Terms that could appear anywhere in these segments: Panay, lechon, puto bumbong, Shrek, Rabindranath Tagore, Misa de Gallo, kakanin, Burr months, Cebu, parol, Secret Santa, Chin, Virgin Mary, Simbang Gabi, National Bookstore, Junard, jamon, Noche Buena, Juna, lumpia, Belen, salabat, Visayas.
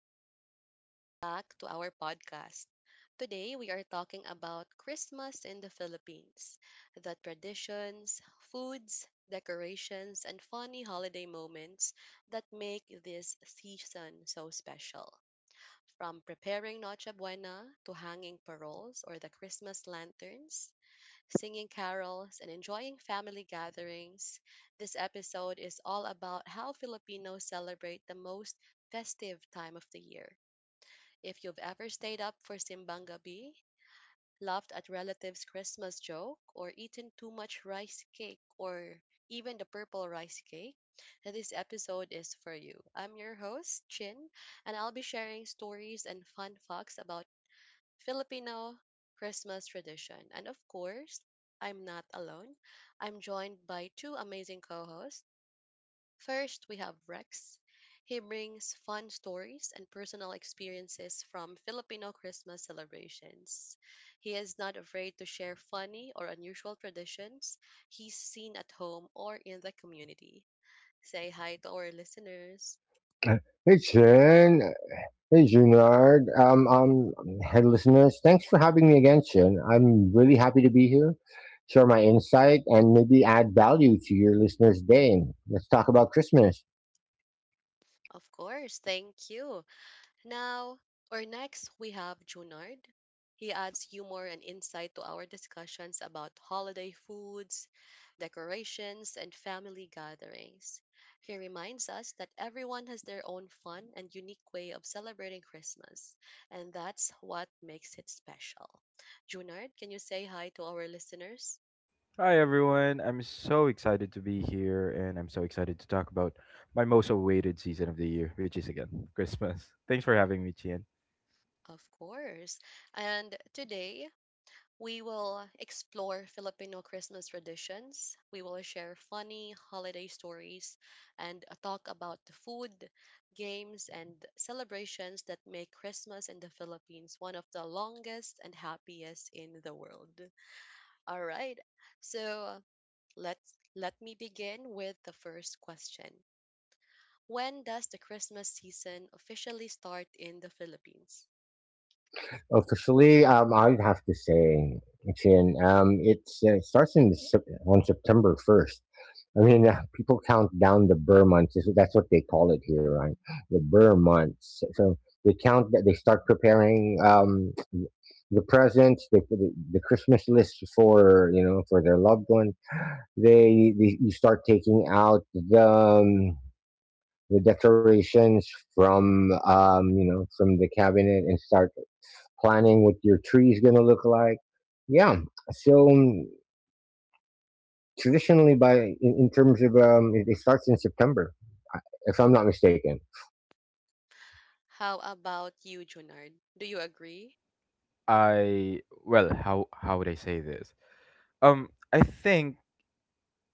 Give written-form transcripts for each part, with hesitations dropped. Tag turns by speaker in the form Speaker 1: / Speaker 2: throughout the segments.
Speaker 1: everyone, and welcome back to our podcast. Today, we are talking about Christmas in the Philippines, the traditions, foods, decorations, and funny holiday moments that make this season so special. From preparing Noche Buena to hanging paroles or the Christmas lanterns, singing carols, and enjoying family gatherings. This episode is all about how Filipinos celebrate the most festive time of the year. If you've ever stayed up for Simbang Gabi, laughed at relatives' Christmas joke, or eaten too much rice cake or even the purple rice cake, then this episode is for you. I'm your host, Chin, and I'll be sharing stories and fun facts about Filipino Christmas tradition. And of course, I'm not alone. I'm joined by two amazing co hosts. First, we have Rex. He brings fun stories and personal experiences from Filipino Christmas celebrations. He is not afraid to share funny or unusual traditions he's seen at home or in the community. Say hi to our listeners.
Speaker 2: Hey, Shin. Hey, Junard. Hey, listeners. Thanks for having me again, Shin. I'm really happy to be here, share my insight, and maybe add value to your listeners' day. Let's talk about Christmas.
Speaker 1: Of course, thank you. Now, or next, we have Junard. He adds humor and insight to our discussions about holiday foods, decorations, and family gatherings. He reminds us that everyone has their own fun and unique way of celebrating Christmas, and that's what makes it special. Junard, can you say hi to our listeners?
Speaker 3: Hi everyone. I'm so excited to be here and I'm so excited to talk about my most awaited season of the year, which is again Christmas. Thanks for having me, Chien.
Speaker 1: Of course. And today, we will explore Filipino Christmas traditions. We will share funny holiday stories and talk about the food, games, and celebrations that make Christmas in the Philippines one of the longest and happiest in the world. All right. So, let me begin with the first question. When does the Christmas season officially start in the Philippines?
Speaker 2: Officially, I would have to say, Chin, it starts on September 1st. I mean, people count down the Burr months. That's what they call it here, right? The Burr months. So they count that they start preparing, the presents, they put the Christmas list for you know for their loved one. They You start taking out the decorations from you know from the cabinet and start planning what your tree is going to look like. Yeah. So traditionally, in terms of it starts in September, I- if I'm not mistaken.
Speaker 1: How about you, Junard? Do you agree?
Speaker 3: I well, how would I say this? I think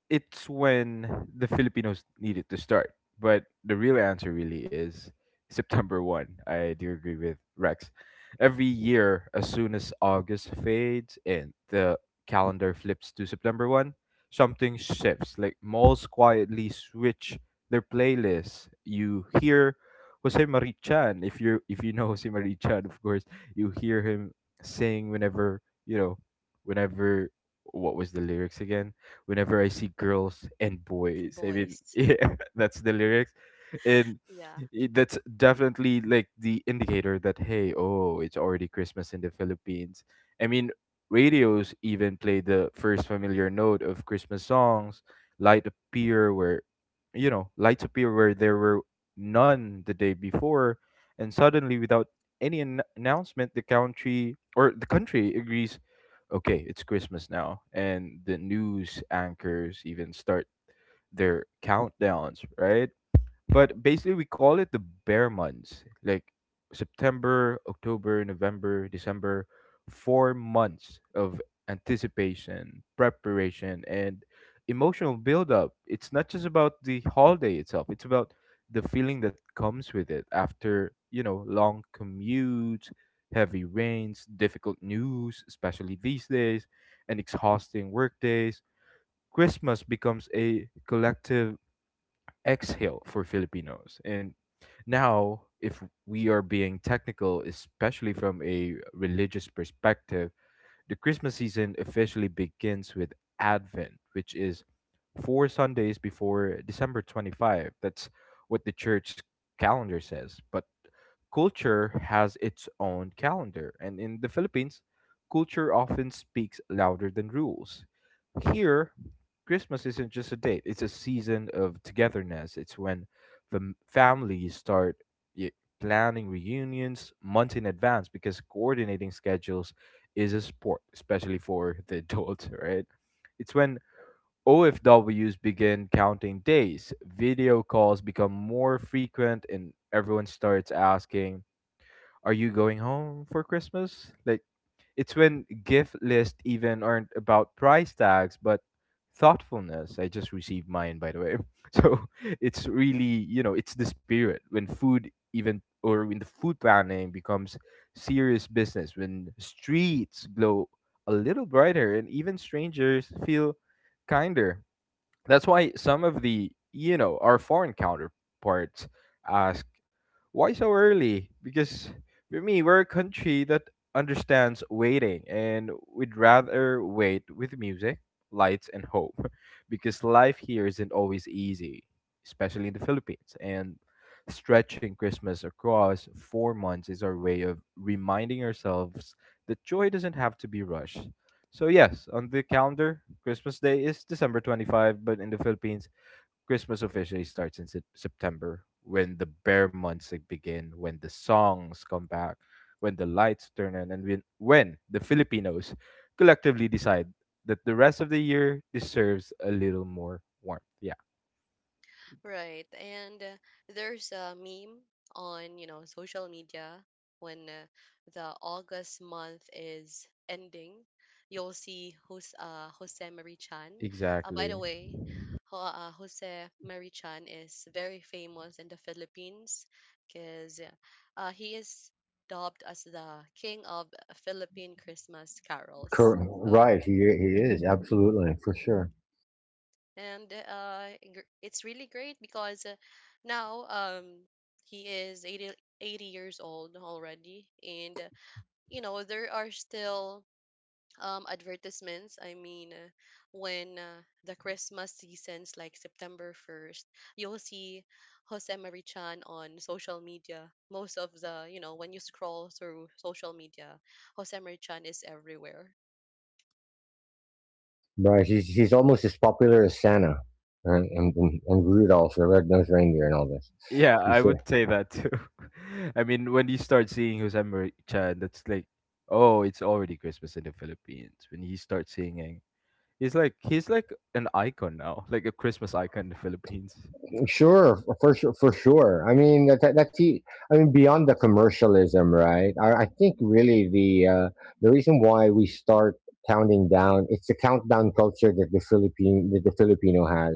Speaker 3: it's when the Filipinos needed to start. But the real answer really is September 1st. I do agree with Rex. Every year, as soon as August fades and the calendar flips to September 1st, something shifts. Like malls quietly switch their playlists. You hear Jose Marie Chan. If you know Jose Marie Chan, of course, you hear him sing you know, whenever what was the lyrics again? Whenever I see girls and
Speaker 1: And
Speaker 3: boys. I mean,
Speaker 1: boys.
Speaker 3: yeah, that's the lyrics. And
Speaker 1: Yeah.
Speaker 3: that's definitely like the indicator that, hey, oh, it's already Christmas in the Philippines. I mean, radios even play the first familiar note of Christmas songs, Light Appear, where, you know, lights appear where there were none the day before. And suddenly, without announcement, the country agrees okay, it's Christmas now, and the news anchors even start their countdowns, right? But basically, we call it the bear months, like September, October, November, December, four months of anticipation, preparation, and emotional buildup. It's not just about the holiday itself, it's about the feeling that comes with it after, you know, long commutes, heavy rains, difficult news, especially these days, and exhausting work days. Christmas becomes a collective exhale for Filipinos. And now, if we are being technical, especially from a religious perspective, the Christmas season officially begins with Advent, which is four Sundays before December 25. That's what the church calendar says. But culture has its own calendar, and in the Philippines, culture often speaks louder than rules. Here, Christmas isn't just a date, it's a season of togetherness. It's when families start y- planning reunions months in advance because coordinating schedules is a sport, especially for the adults, right? It's when OFWs begin counting days, video calls become more frequent, and everyone starts asking, are you going home for Christmas? Like it's when gift lists even aren't about price tags but thoughtfulness. I just received mine, by the way. So it's really, you know, it's the spirit when food even or when the food planning becomes serious business, when streets glow a little brighter and even strangers feel kinder. That's why some of the, you know, our foreign counterparts ask, why so early? Because for me, we're a country that understands waiting and we'd rather wait with music, lights, and hope because life here isn't always easy, especially in the Philippines. And stretching Christmas across four months is our way of reminding ourselves that joy doesn't have to be rushed. So yes, on the calendar, Christmas Day is December 25, but in the Philippines, Christmas officially starts in September when the bare months like, begin, when the songs come back, when the lights turn on, and when the Filipinos collectively decide that the rest of the year deserves a little more warmth. Yeah,
Speaker 1: Right. And there's a meme on, social media when the August month is ending. You'll see Jose Marichan. Chan. By the
Speaker 3: exactly.
Speaker 1: way, Jose Marichan is very famous in the Philippines because he is dubbed as the king of Philippine Christmas carols.
Speaker 2: Cor-
Speaker 1: So,
Speaker 2: right. He is absolutely for sure.
Speaker 1: it's really great because now he is 80, 80 years old already and you know there are still advertisements. When the Christmas seasons like September 1st, you'll see Jose Marichan on social media. Most of the, you know, when you scroll through social media, Jose Marichan is everywhere.
Speaker 2: Right. He's almost as popular as Santa. Right? And Rudolph, the red-nosed reindeer, and all this.
Speaker 3: Yeah,
Speaker 2: He's,
Speaker 3: I would say that too. I mean, when you start seeing Jose Maria, Chan, that's like, oh, it's already Christmas in the Philippines. When he starts singing, he's like an icon now, like a Christmas icon in the Philippines.
Speaker 2: Sure, for sure, for sure. I mean, I mean, beyond the commercialism, right? I think really the reason why we start counting down, it's the countdown culture that the Philippine that the Filipino has.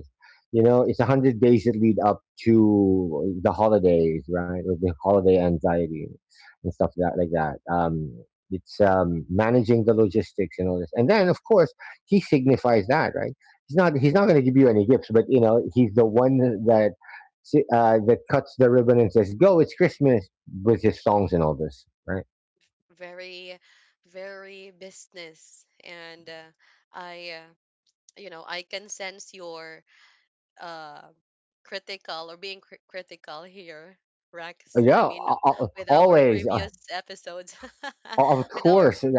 Speaker 2: You know, it's 100 days that lead up to the holidays, right? Or the holiday anxiety and stuff like that. It's managing the logistics and all this, and then of course he signifies that, right? He's not going to give you any gifts, but he's the one that that cuts the ribbon and says, "Go, it's Christmas," with his songs and all this, right?
Speaker 1: Very, very business, and i uh, I can sense your uh critical, or being critical here,
Speaker 2: Oh,
Speaker 1: Rex.
Speaker 2: yeah,
Speaker 1: I mean, with our
Speaker 2: always,
Speaker 1: previous episodes.
Speaker 2: of
Speaker 1: With our.
Speaker 2: course. uh,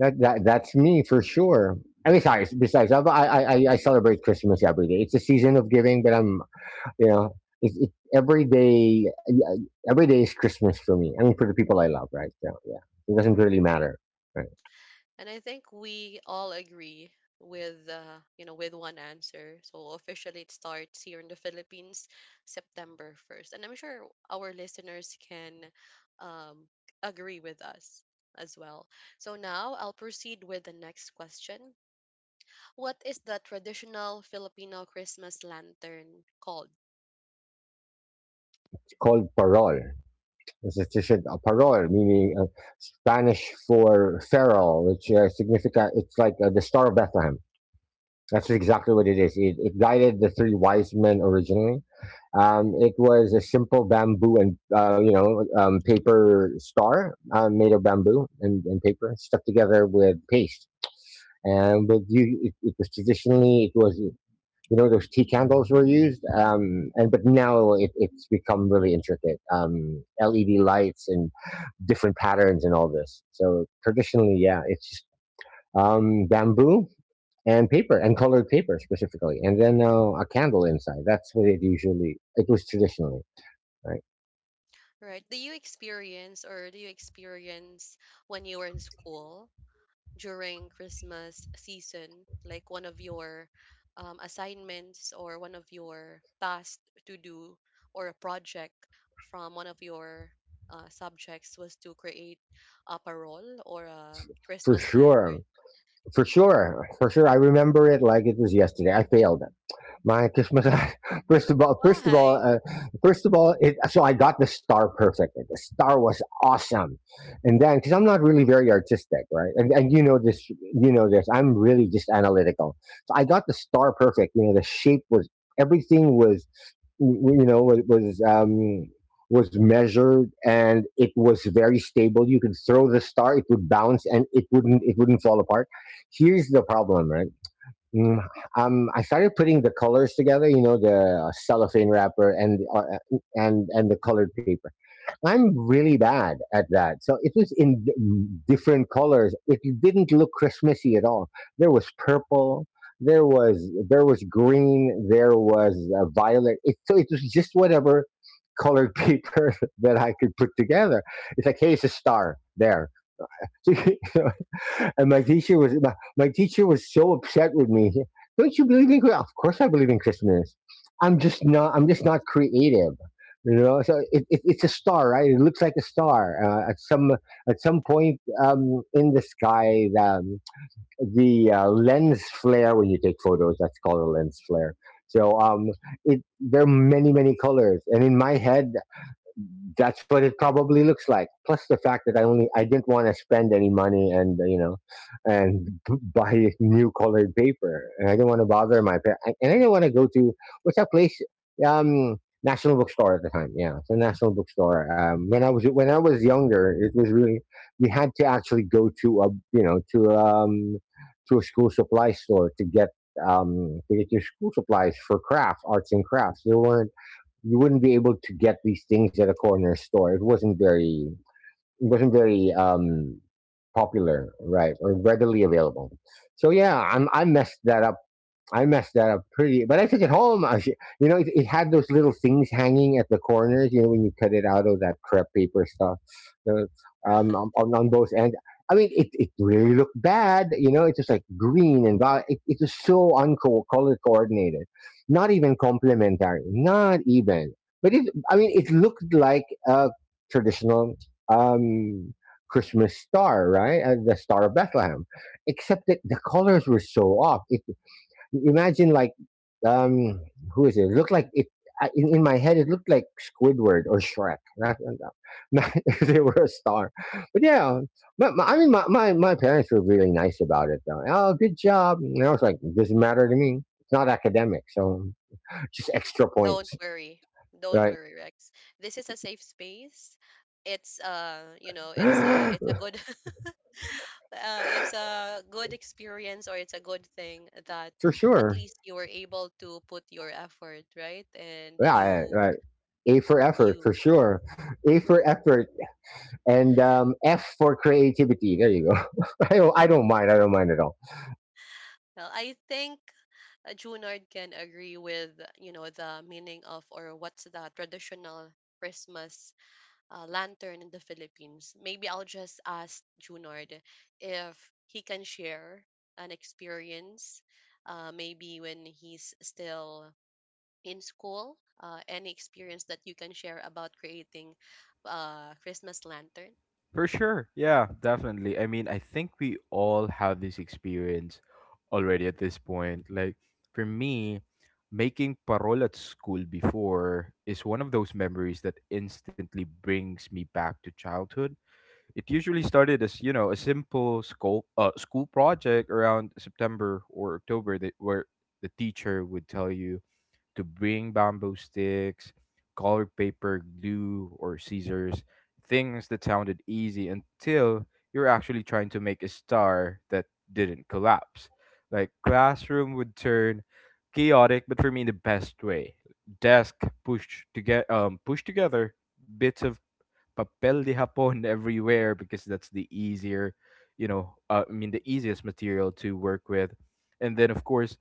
Speaker 2: That, that that's me for sure. And besides, I celebrate Christmas every day. It's a season of giving, but I'm you know, every day. Every day is Christmas for me. I mean, for the people I love, right? So yeah, it doesn't really matter, right?
Speaker 1: And I think we all agree with with one answer. So officially it starts here in the Philippines, September 1st. And I'm sure our listeners can um, agree with us as well. So now I'll proceed with the next question. What is the traditional Filipino Christmas lantern called?
Speaker 2: It's called parol. It's a parol, meaning Spanish for feral, which, significa, it's like the Star of Bethlehem. That's exactly what it is. It guided the three wise men originally. It was a simple bamboo and paper star, made of bamboo and paper stuck together with paste. And it was traditionally, it was those tea candles were used, and but now it's become really intricate. LED lights and different patterns and all this. So traditionally, yeah, it's just bamboo and paper and colored paper specifically, and then a candle inside. That's what it usually it was traditionally, right?
Speaker 1: Right? Do you experience when you were in school during Christmas season, like one of your assignments, or one of your tasks to do, or a project from one of your subjects was to create a parole or a
Speaker 2: For
Speaker 1: Christmas
Speaker 2: sure,
Speaker 1: lantern?
Speaker 2: for sure, for sure. I remember it like it was yesterday. I failed my Christmas. first of all, first of all,
Speaker 1: Why?
Speaker 2: uh, so I got the star perfect. The star was awesome, and then because I'm not really very artistic, right? And you know this, you know this. I'm really just analytical. So I got the star perfect. You know, the shape was, everything was w- you know was measured, and it was very stable. You could throw the star, it would bounce, and it wouldn't fall apart. Here's the problem, right? Mm, I started putting the colors together. You know, the cellophane wrapper and the colored paper. I'm really bad at that. So it was in different colors. It didn't look Christmassy at all. There was purple. There was green. There was violet. So it was just whatever colored paper that I could put together. It's like, hey, it's a star there. And my teacher was so upset with me. Don't you believe in Christmas? Of course, I believe in Christmas. I'm just not. I'm just not creative. You know, so it's a star, right? It looks like a star at some point in the sky. The lens flare when you take photos. That's called a lens flare. So it there are many many colors, and in my head, that's what it probably looks like. Plus the fact that I didn't want to spend any money and you know and b- buy new colored paper, and I didn't want to bother my parents, and I didn't want to go to — what's that place? Um, National Bookstore at the time. Yeah, it's a National Bookstore. When I was younger, it was really you had to actually go you know to um to a school supply store to get your school supplies for crafts, arts and crafts. There weren't You wouldn't be able to get these things at a corner store. It wasn't very popular, right, or readily available. So yeah, I messed that up. Pretty, but I took it home. I, sh- you know, It had those little things hanging at the corners. You know, when you cut it out of that crepe paper stuff, so, on, on on both ends. I mean, it really looked bad. You know, it's just like green and violet. It was so unco color coordinated, not even complementary, not even. I mean, it looked like a traditional um, Christmas star, right? The Star of Bethlehem, except that the colors were so off. It Imagine, like, um, who is it? Look like it, in my head. It looked like Squidward or Shrek. Not if they were a star, but yeah. I mean, my parents were really nice about it. Though. Oh, good job. And I was like, it doesn't matter to me. It's not academic, so just extra
Speaker 1: Don't
Speaker 2: points,
Speaker 1: worry. Don't
Speaker 2: right?
Speaker 1: worry, Rex. This is a safe space. It's a good it's a good experience, or it's a good thing that
Speaker 2: For
Speaker 1: at
Speaker 2: sure.
Speaker 1: least you were able to put your effort, right? And
Speaker 2: Yeah,
Speaker 1: you
Speaker 2: right. A for effort, for
Speaker 1: you
Speaker 2: sure. A for effort, and F for creativity. There you go. I don't mind. I don't mind at all.
Speaker 1: Well, I think Junard can agree with, the meaning of, or what's the traditional Christmas lantern in the Philippines. Maybe I'll just ask Junard if he can share an experience, maybe when he's still in school? Any experience that you can share about creating Christmas lantern?
Speaker 3: For sure. Yeah, definitely. I mean, I think we all have this experience already at this point. Like for me, making parol at school before is one of those memories that instantly brings me back to childhood. It usually started as, you know, a simple school project around September or October that where the teacher would tell you to bring bamboo sticks, colored paper, glue, or scissors, things that sounded easy until you're actually trying to make a star that didn't collapse. Like classroom would turn chaotic, but for me in the best way. Desk pushed together, bits of papel de Japón everywhere because that's the easier, you know, I mean, the easiest material to work with. And then, of course,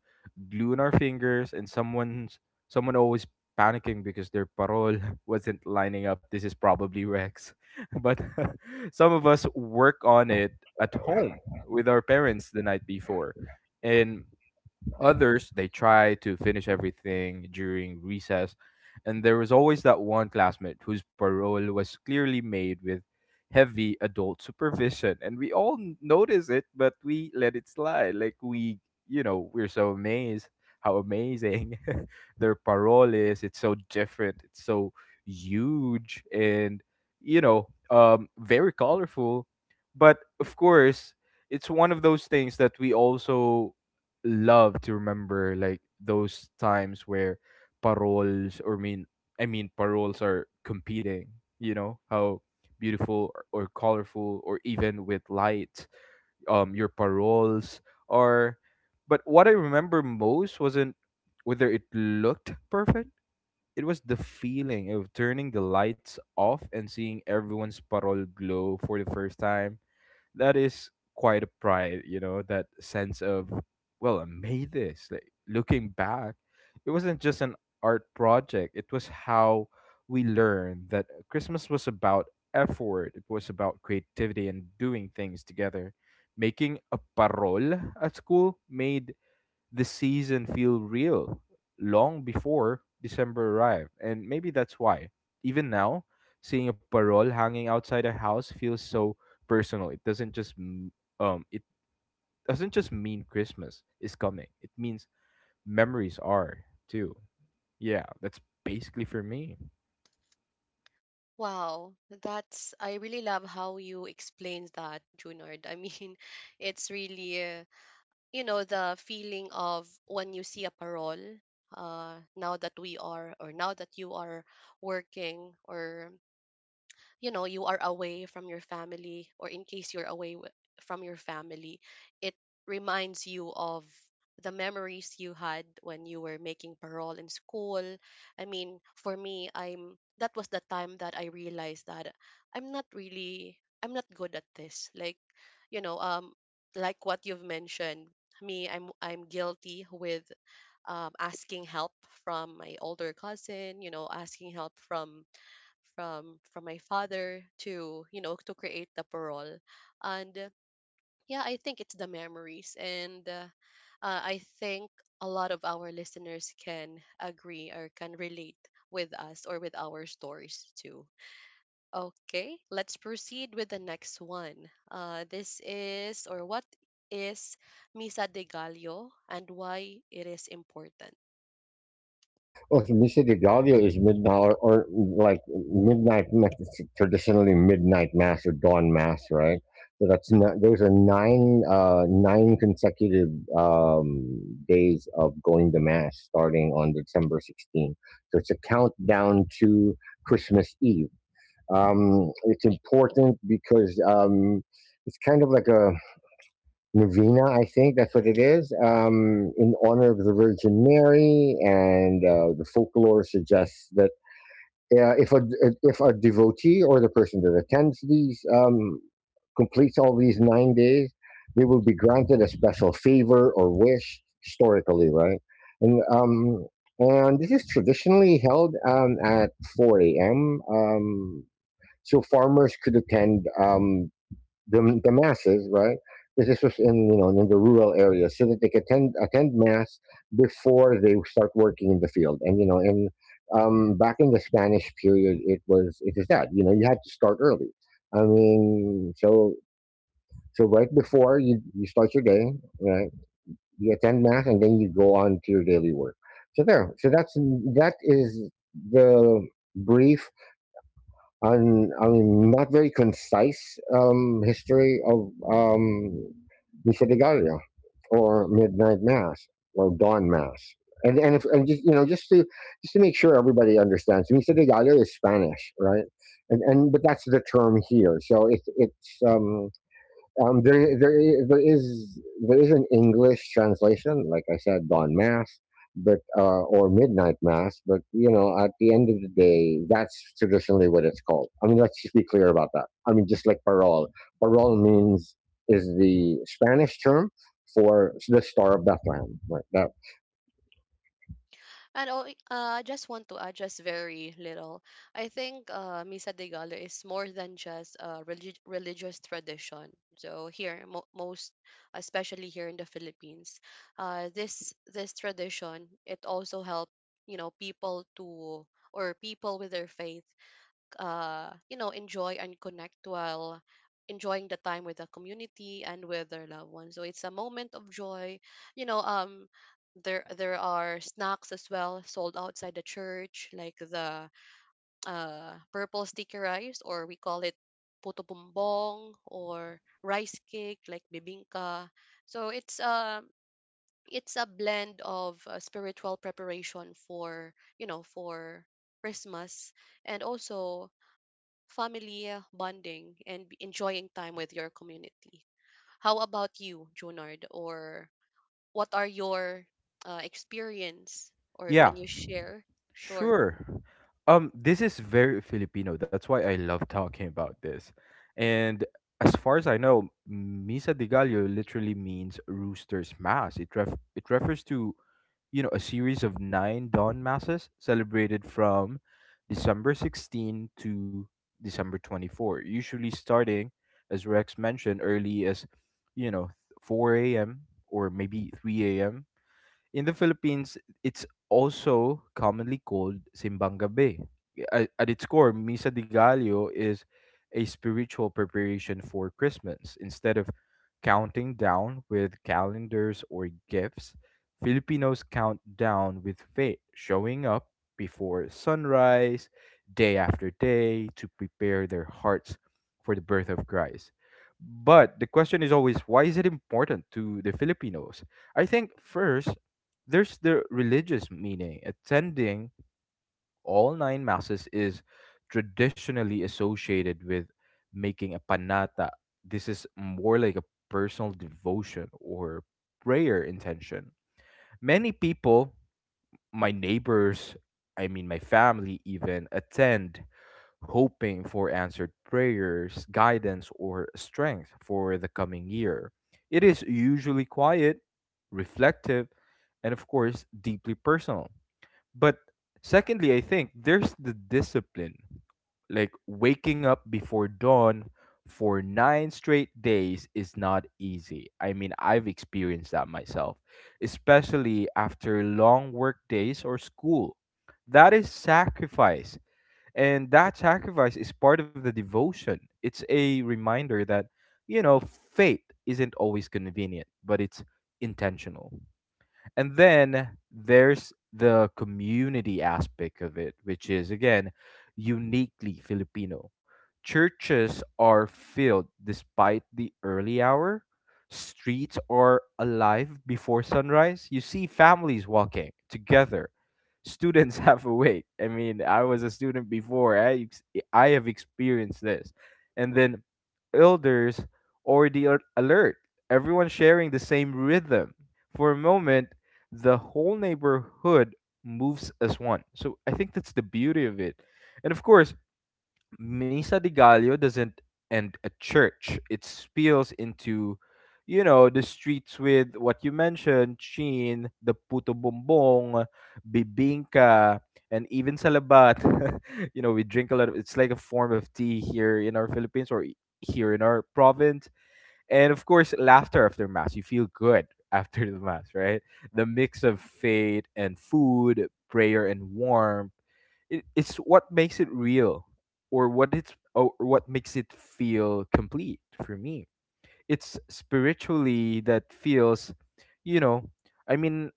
Speaker 3: glue in our fingers, and someone always panicking because their parole wasn't lining up. This is probably Rex. But some of us work on it at home with our parents the night before. And others, they try to finish everything during recess, and there was always that one classmate whose parole was clearly made with heavy adult supervision. And we all notice it, but we let it slide. Like, we, you know, we're so amazed how amazing their parole is. It's so different, it's so huge, and, you know, very colorful. But of course, it's one of those things that we also love to remember, like those times where paroles or mean I mean paroles are competing, you know, how beautiful or colorful or even with light your paroles are. But what I remember most wasn't whether it looked perfect. It was the feeling of turning the lights off and seeing everyone's parole glow for the first time. That is quite a pride, you know, that sense of, well, I made this. Like looking back, it wasn't just an art project, it was how we learned that Christmas was about effort, it was about creativity and doing things together. Making a parol at school made the season feel real long before December arrived. And maybe that's why, even now, seeing a parole hanging outside a house feels so personal. It doesn't just m- it doesn't just mean Christmas is coming. It means memories are too. Yeah, that's basically for me.
Speaker 1: Wow, that's, I really love how you explained that, Junard. I mean, it's really the feeling of when you see a parole. Now that we are, or now that you are working, or you know you are away from your family, or in case you're from your family, it reminds you of the memories you had when you were making parole in school. I mean, for me, I'm that was the time that I realized that I'm not good at this. Like, you know um like what you've mentioned, me, I'm guilty with asking help from my older cousin, you know, asking help from my father to, you know, to create the parole. And yeah, I think it's the memories. And I think a lot of our listeners can agree or can relate with us, or with our stories too. Okay, let's proceed with the next one. This is, or what is Misa de Gallo and why it is important?
Speaker 2: Okay, Misa de Gallo is midnight, or, it's traditionally midnight mass or dawn mass, right? So that's not, those are nine consecutive days of going to mass starting on December 16th. So it's a countdown to Christmas Eve. It's important because it's kind of like a novena, I think that's what it is, in honor of the Virgin Mary. And the folklore suggests that uh, if a if a devotee or the person that attends these, completes all these 9 days, they will be granted a special favor or wish historically, right? And um, and this is traditionally held at 4 a.m. So farmers could attend, the masses, right? This is just in you know in the rural areas, so that they can attend mass before they start working in the field. And, back in the Spanish period, it is that you had to start early. I mean, so right before you start your day, right? You attend mass and then you go on to your daily work. So that is the brief, and, I mean, not very concise history of Misa de Gallo, or Midnight Mass, or Dawn Mass. And, if, and just you know just to make sure everybody understands, Misa de Gallo is Spanish, right? And but that's the term here. So it, it's um, there, there, i- there is there is an English translation, like I said, dawn mass, but or midnight mass. But you know, at the end of the day, that's traditionally what it's called. I mean, let's just be clear about that. I mean, just like parol, parol means is the Spanish term for the Star of Bethlehem. Right? That
Speaker 1: And, oh, I just want to add just very little. I think Misa de gala is more than just a religious tradition. So here, most especially here in the Philippines, this tradition, it also helped, you know, people to, or people with their faith, enjoy and connect while enjoying the time with the community and with their loved ones. So it's a moment of joy. You know, um, there are snacks as well sold outside the church, like the purple sticky rice, or we call it puto bumbong, or rice cake like bibingka. So it's a blend of spiritual preparation for, you know, for Christmas, and also family bonding and enjoying time with your community. How about you, Junard? Or what are your experience? Or can
Speaker 3: Yeah,
Speaker 1: you share? Sure.
Speaker 3: sure. This is very Filipino. That's why I love talking about this. And as far as I know, Misa de Gallo literally means rooster's mass. It refers to, you know, a series of nine dawn masses celebrated from December 16 to December 24, usually starting, as Rex mentioned, early as, you know, 4 a.m. or maybe 3 a.m. In the Philippines, it's also commonly called Simbang Gabi. At its core, Misa de Gallo is a spiritual preparation for Christmas. Instead of counting down with calendars or gifts, Filipinos count down with faith, showing up before sunrise, day after day, to prepare their hearts for the birth of Christ. But the question is always, why is it important to the Filipinos? I think first there's the religious meaning. Attending all nine masses is traditionally associated with making a panata. This is more like a personal devotion or prayer intention. Many people, my neighbors, I mean my family even, attend hoping for answered prayers, guidance, or strength for the coming year. It is usually quiet, reflective, and of course, deeply personal. But secondly, I think there's the discipline, like waking up before dawn for nine straight days is not easy. I mean, I've experienced that myself, especially after long work days or school. That is sacrifice, and that sacrifice is part of the devotion. It's a reminder that, you know, fate isn't always convenient, but it's intentional. And then there's the community aspect of it, which is again uniquely Filipino. Churches are filled despite the early hour. Streets are alive before sunrise. You see families walking together. Students half awake. I mean, I was a student before. I have experienced this. And then elders or alert, everyone sharing the same rhythm. For a moment, the whole neighborhood moves as one. So I think that's the beauty of it. And of course, Misa de Gallo doesn't end at church. It spills into, you know, the streets with what you mentioned, Chin, the puto bombong, bibingka, and even salabat. You know, we drink a lot of, it's like a form of tea here in our Philippines or here in our province. And of course, laughter after mass. You feel good after the mass, right? The mix of faith and food, prayer and warmth, it's what makes it real or what makes it feel complete for me. It's spiritually that feels, you know, I mean,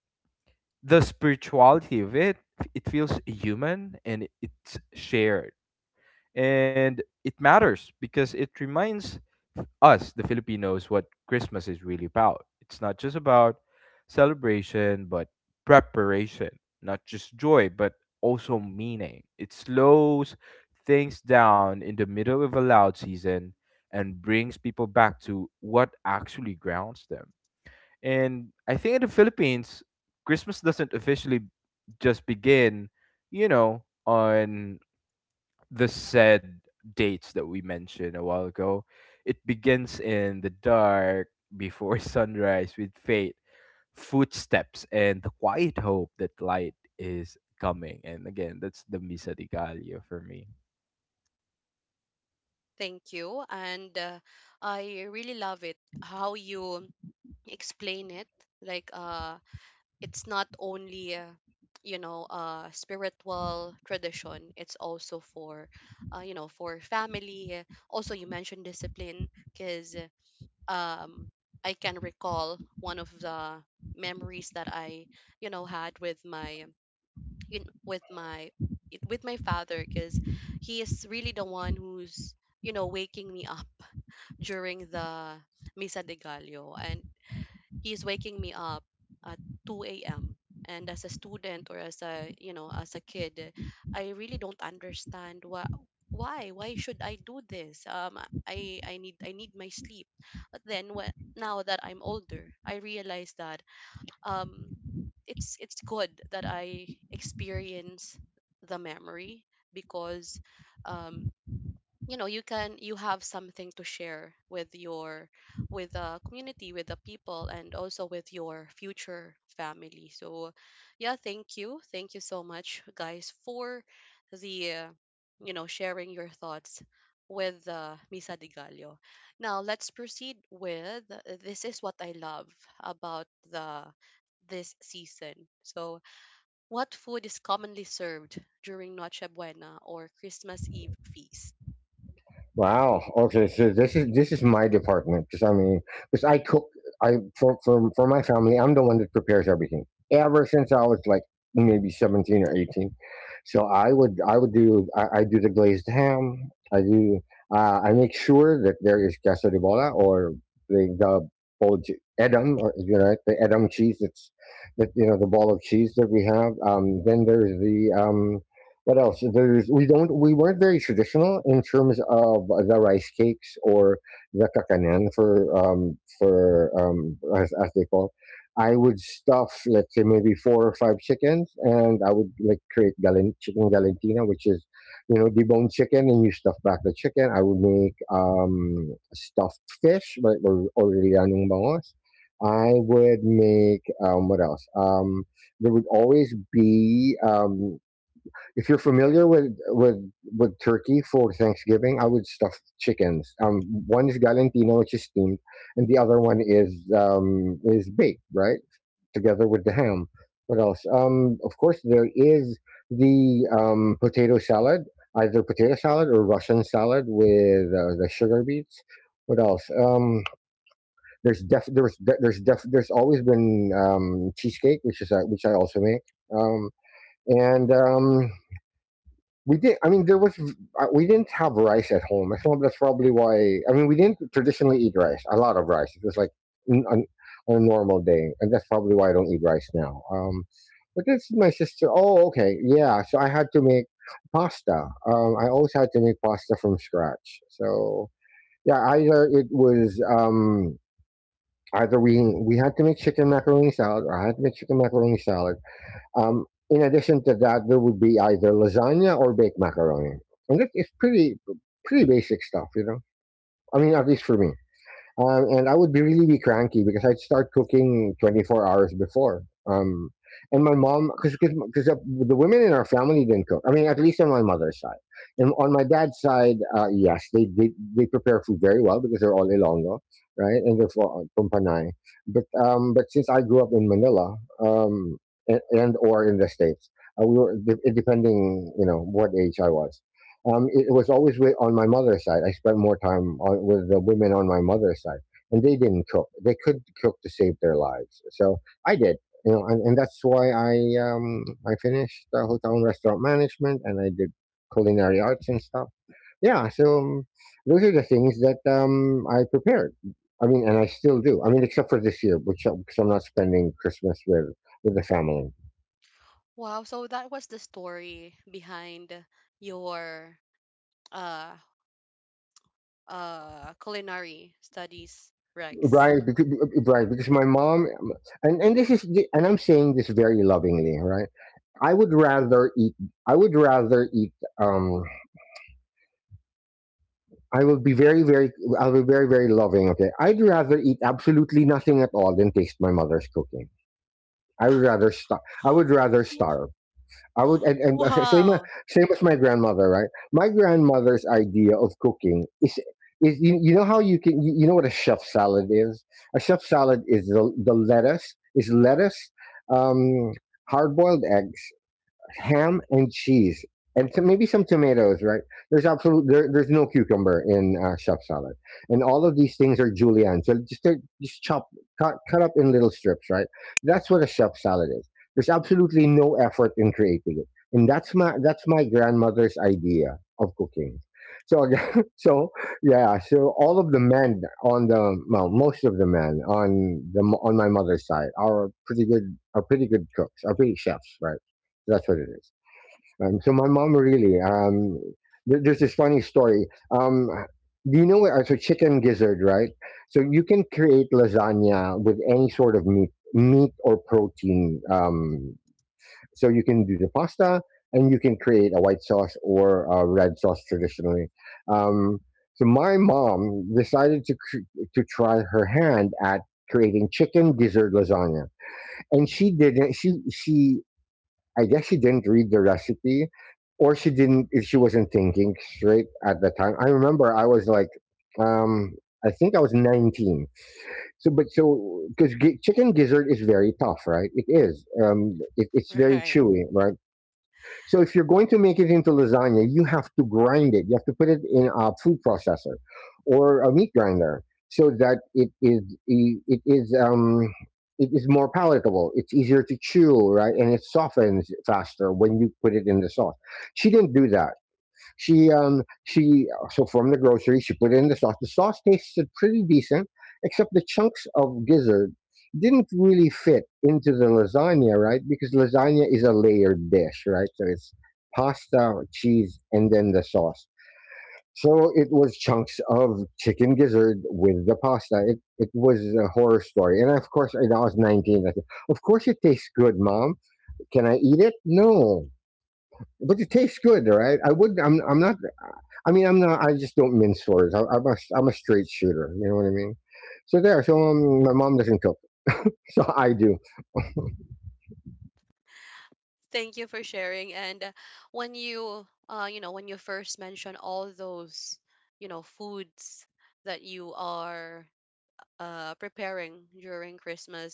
Speaker 3: the spirituality of it, it feels human and it's shared, and it matters because it reminds us the Filipinos what Christmas is really about. It's not just about celebration but preparation, not just joy but also meaning. It slows things down in the middle of a loud season and brings people back to what actually grounds them. And I think in the Philippines, Christmas doesn't officially just begin, you know, on the said dates that we mentioned a while ago. It begins in the dark before sunrise with fate, footsteps, and the quiet hope that light is coming. And again, that's the Misa di Gallo for me.
Speaker 1: Thank you. And I really love it how you explain it. Like it's not only spiritual tradition. It's also for for family. Also, you mentioned discipline because um, I can recall one of the memories that I, you know, had with my, you know, with my, it- with my father, because he is really the one who's, you know, waking me up during the Misa de Gallo, and he's waking me up at 2 a.m. And as a student, or as a, you know, as a kid, I really don't understand why should I do this? I need my sleep. But then, when now that I'm older, I realize that um, it's good that I experience the memory because um, you know, you have something to share with your with the community, with the people, and also with your future family. So yeah, thank you so much, guys, for the sharing your thoughts with Misa de Gallo. Now, let's proceed with this is what I love about the this season. So what food is commonly served during Noche Buena or Christmas Eve feast?
Speaker 2: Wow. Okay. So this is my department because, I cook. I for my family, I'm the one that prepares everything ever since I was like maybe 17 or 18. So I do the glazed ham. I make sure that there is queso de bola, or the bold edam, or you know, the edam cheese, that's that the ball of cheese that we have. Then there's the, what else? There's We weren't very traditional in terms of the rice cakes or the kakanan for as they call. I would stuff, let's say, maybe four or five chickens, and I would like create galen chicken galantina, which is deboned chicken, and you stuff back the chicken. I would make stuffed fish, but or lianong bangos. I would make what else? There would always be if you're familiar with with turkey for Thanksgiving, I would stuff chickens. One is galantino, which is steamed, and the other one is baked, right, together with the ham. What else? Of course, there is the potato salad, either potato salad or Russian salad with the sugar beets. What else? There's def there's de- there's def There's always been cheesecake, which is which I also make. Um, and We did. I mean, there was we didn't have rice at home. I thought that's probably why. I mean, we didn't traditionally eat rice. A lot of rice. It was like n- on, on a normal day, and that's probably why I don't eat rice now. But that's my sister. Oh, okay, yeah. So I had to make pasta. I always had to make pasta from scratch. So yeah, either it was either we had to make chicken macaroni salad, or I had to make chicken macaroni salad, in addition to that, there would be either lasagna or baked macaroni, and that is pretty basic stuff, you know. I mean, at least for me. And I would be really be cranky because I'd start cooking 24 hours before. Um, and my mom, because the women in our family didn't cook. I mean, at least on my mother's side. And on my dad's side, yes, they prepare food very well because they're all Ilonggo, right? And they're from Panay. But since I grew up in Manila, um, and or in the states, we were depending, you know, what age I was. It was always with, on my mother's side. I spent more time on, with the women on my mother's side, and they didn't cook. They could cook to save their lives, so I did. You know, and that's why I finished hotel and restaurant management, and I did culinary arts and stuff. Yeah, so those are the things that I prepared. I mean, and I still do. I mean, except for this year, which because I'm not spending Christmas with the family.
Speaker 1: Wow, so that was the story behind your uh culinary studies, Rex.
Speaker 2: Right, because, right, because my mom, and this is, and I'm saying this very lovingly, right? I would rather eat, I would rather eat, um, I will be very, very, I'll be very, very loving, okay? I'd rather eat absolutely nothing at all than taste my mother's cooking. I would rather, I would rather
Speaker 1: W-.
Speaker 2: starve. I would, and same
Speaker 1: Wow.
Speaker 2: same as my grandmother, right? My grandmother's idea of cooking is you, you know how you can you, you know what a chef salad is? A chef salad is the lettuce is lettuce, um, hard boiled eggs, ham and cheese, and to maybe some tomatoes, right? There's no cucumber in chef salad, and all of these things are julienne, so just they're just chop, cut, cut up in little strips, right? That's what a chef salad is. There's absolutely no effort in creating it, and that's my grandmother's idea of cooking. So again, so yeah, so all of the men on the, well, most of the men on the, on my mother's side are pretty good cooks, are pretty chefs, right? That's what it is. So my mom really, there, there's this funny story. Do you know what? So chicken gizzard, right? So you can create lasagna with any sort of meat or protein. So you can do the pasta, and you can create a white sauce or a red sauce traditionally. Um, so my mom decided to to try her hand at creating chicken gizzard lasagna, and she didn't. She, I guess, she didn't read the recipe, or she didn't. If she wasn't thinking straight at the time, I remember I was like, um, I think I was 19. So, but so because chicken gizzard is very tough, right? It is. It's very
Speaker 1: Right.
Speaker 2: chewy, right? So if you're going to make it into lasagna, you have to grind it. You have to put it in a food processor or a meat grinder so that it is e, it is um it is more palatable. It's easier to chew, right? And it softens faster when you put it in the sauce. She didn't do that. She So from the grocery, she put it in the sauce. The sauce tasted pretty decent, except the chunks of gizzard didn't really fit into the lasagna, right? Because lasagna is a layered dish, right? So it's pasta, cheese, and then the sauce. So it was chunks of chicken gizzard with the pasta. It was a horror story, and of course, and I was 19. I said, "Of course, it tastes good, mom. Can I eat it? No, but it tastes good, right? I would. I'm not. I mean, I'm not. I just don't mince words. I'm a, I'm a straight shooter. You know what I mean? So there. So my mom doesn't cook, so I do.
Speaker 1: Thank you for sharing. And when you first mentioned all those foods that you are preparing during Christmas,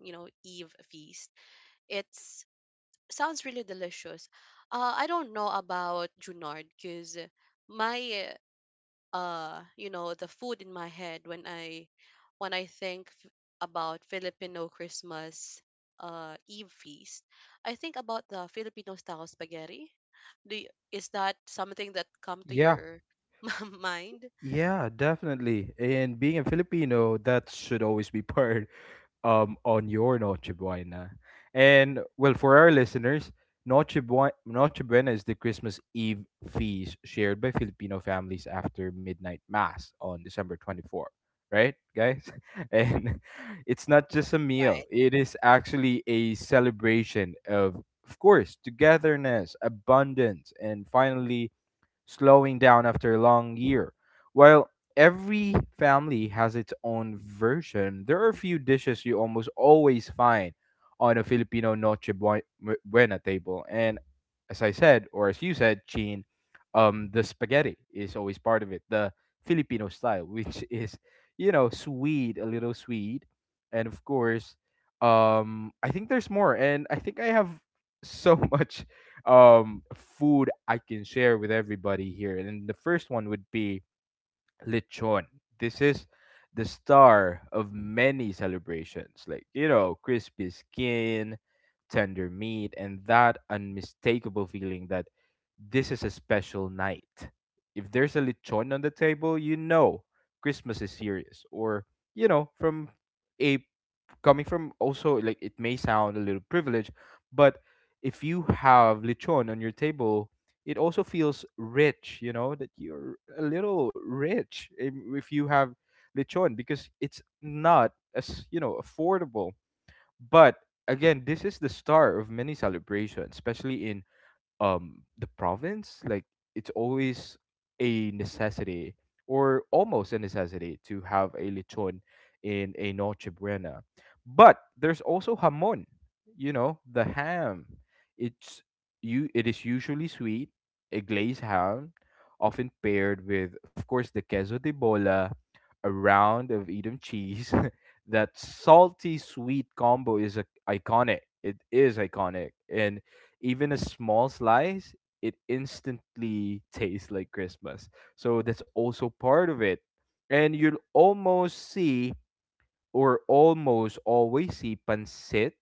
Speaker 1: you know, Eve feast, it's sounds really delicious. I don't know about Junard because my the food in my head, when I think about Filipino Christmas Eve feast, I think about the Filipino style spaghetti. Do y- is that something that come to
Speaker 3: Yeah.
Speaker 1: your mind?
Speaker 3: Yeah, definitely. And being a Filipino, that should always be part on your Noche Buena. And well, for our listeners, Noche Buena is the Christmas Eve feast shared by Filipino families after midnight mass on December 24, right, guys? And it's not just a meal,
Speaker 1: Right.
Speaker 3: it is actually a celebration of course, togetherness, abundance, and finally, slowing down after a long year. While every family has its own version, there are a few dishes you almost always find on a Filipino Buena table. And as I said, or as you said, Chin, the spaghetti is always part of it, the Filipino style, which is, sweet, a little sweet. And of course, I think there's more. And I think I have so much food I can share with everybody here. And the first one would be lechon. This is the star of many celebrations. Like, you know, crispy skin, tender meat, and that unmistakable feeling that this is a special night. If there's a lechon on the table, you know Christmas is serious. Or, you know, from a coming from also, like, it may sound a little privileged, but if you have lechon on your table, it also feels rich, you know, that you're a little rich if you have lechon because it's not as, you know, affordable. But again, this is the star of many celebrations, especially in the province, like it's always a necessity or almost a necessity to have a lechon in a noche buena. But there's also jamon, you know, the ham. It's, you it is usually sweet, a glazed ham, often paired with, of course, the queso de bola, a round of edam cheese. That salty sweet combo is iconic. It is iconic, and even a small slice, it instantly tastes like Christmas. So that's also part of it. And you'll almost see or almost always see pancit,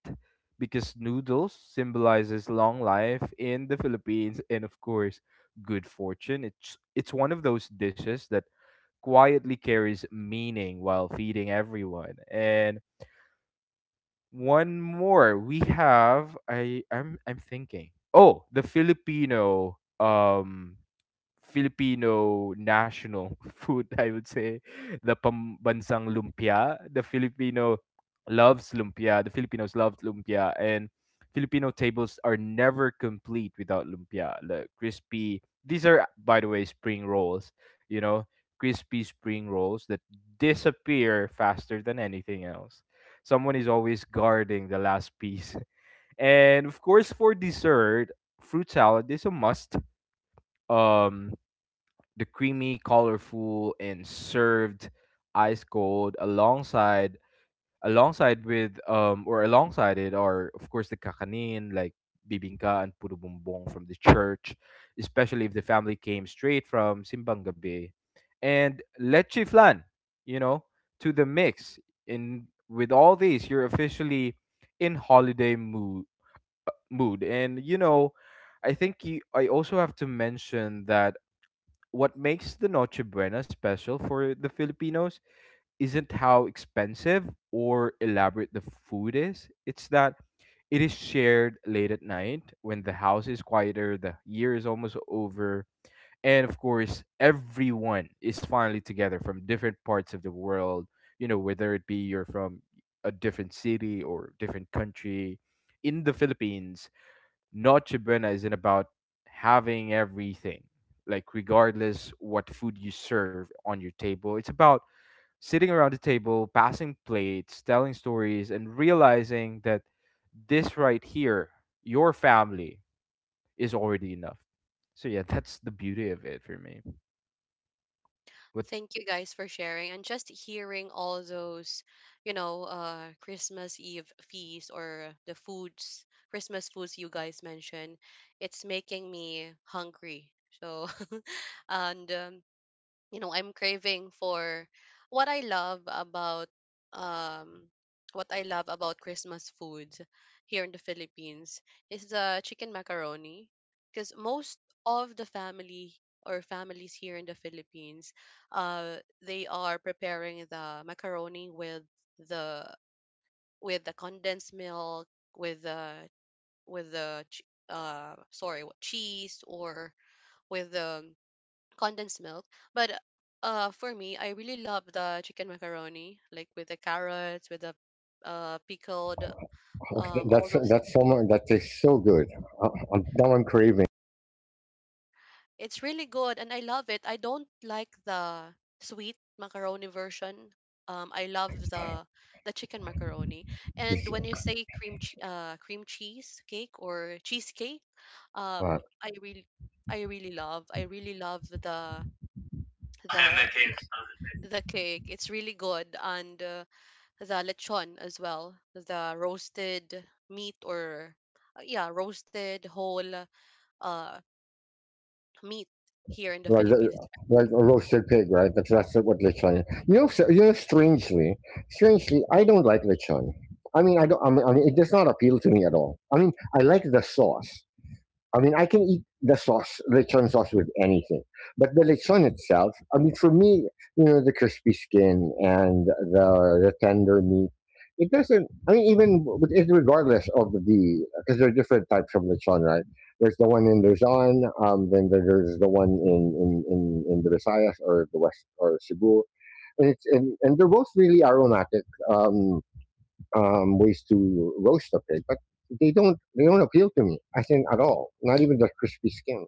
Speaker 3: because noodles symbolizes long life in the Philippines and, of course, good fortune. It's one of those dishes that quietly carries meaning while feeding everyone. And one more. We have I I'm thinking. Oh, the Filipino national food, I would say. The pambansang lumpia. The Filipino loves lumpia. The Filipinos love lumpia. And Filipino tables are never complete without lumpia. The crispy, these are, by the way, spring rolls, you know, crispy spring rolls that disappear faster than anything else. Someone is always guarding the last piece. And of course, for dessert, fruit salad is a must. Um, the creamy, colorful, and served ice cold, alongside with or alongside it are, of course, the kakanin like bibingka and puro bumbong from the church, especially if the family came straight from simbang gabi, and leche flan, you know, to the mix. In with all these, you're officially in holiday mood mood, and you know. I think I also have to mention that what makes the Noche Buena special for the Filipinos isn't how expensive or elaborate the food is. It's that it is shared late at night when the house is quieter, the year is almost over, and of course, everyone is finally together from different parts of the world. You know, whether it be you're from a different city or different country, in the Philippines Noche Buena isn't about having everything, like regardless what food you serve on your table. It's about sitting around the table, passing plates, telling stories, and realizing that this right here, your family, is already enough. So yeah, that's the beauty of it for me. But
Speaker 1: Thank you guys for sharing, and just hearing all those, you know, Christmas Eve feast, or the foods, Christmas foods you guys mentioned. It's making me hungry. So, and I'm craving for what i love about um what I love about Christmas foods here in the Philippines is the chicken macaroni, because most of the family or families here in the Philippines, uh they are preparing the macaroni with the, condensed milk, with the, with the ch- sorry, cheese, or with the condensed milk. But for me, I really love the chicken macaroni, like with the carrots, with the pickled,
Speaker 2: Oh,
Speaker 1: all
Speaker 2: that's
Speaker 1: those.
Speaker 2: so much. That tastes so good. I, I'm, now I'm craving.
Speaker 1: It's really good, and I love it. I don't like the sweet macaroni version. I love the chicken macaroni. And
Speaker 2: It's,
Speaker 1: when you say cream cheese cake, or cheesecake,
Speaker 2: Uh,
Speaker 1: um, I really I really love. I really love the the cake. It's really good. And the lechon as well, the roasted meat, or, yeah, roasted whole uh, meat here in the
Speaker 2: Right,
Speaker 1: Philippines.
Speaker 2: right, a roasted pig, right? That's what lechon. Is. You know, so, you know, strangely, strangely, I don't like lechon. I mean, I don't. I mean, it does not appeal to me at all. I mean, I like the sauce. I mean, I can eat the sauce, lechon sauce, with anything, but the lechon itself. I mean, for me, you know, the crispy skin and the the tender meat. It doesn't. I mean, even regardless of the, because there are different types of lechon, right? There's the one in Luzon, then there's the one in in the Visayas or the West or Cebu, and it's and they're both really aromatic. Um, Ways to roast a pig, but they don't appeal to me, I think, at all. Not even the crispy skin.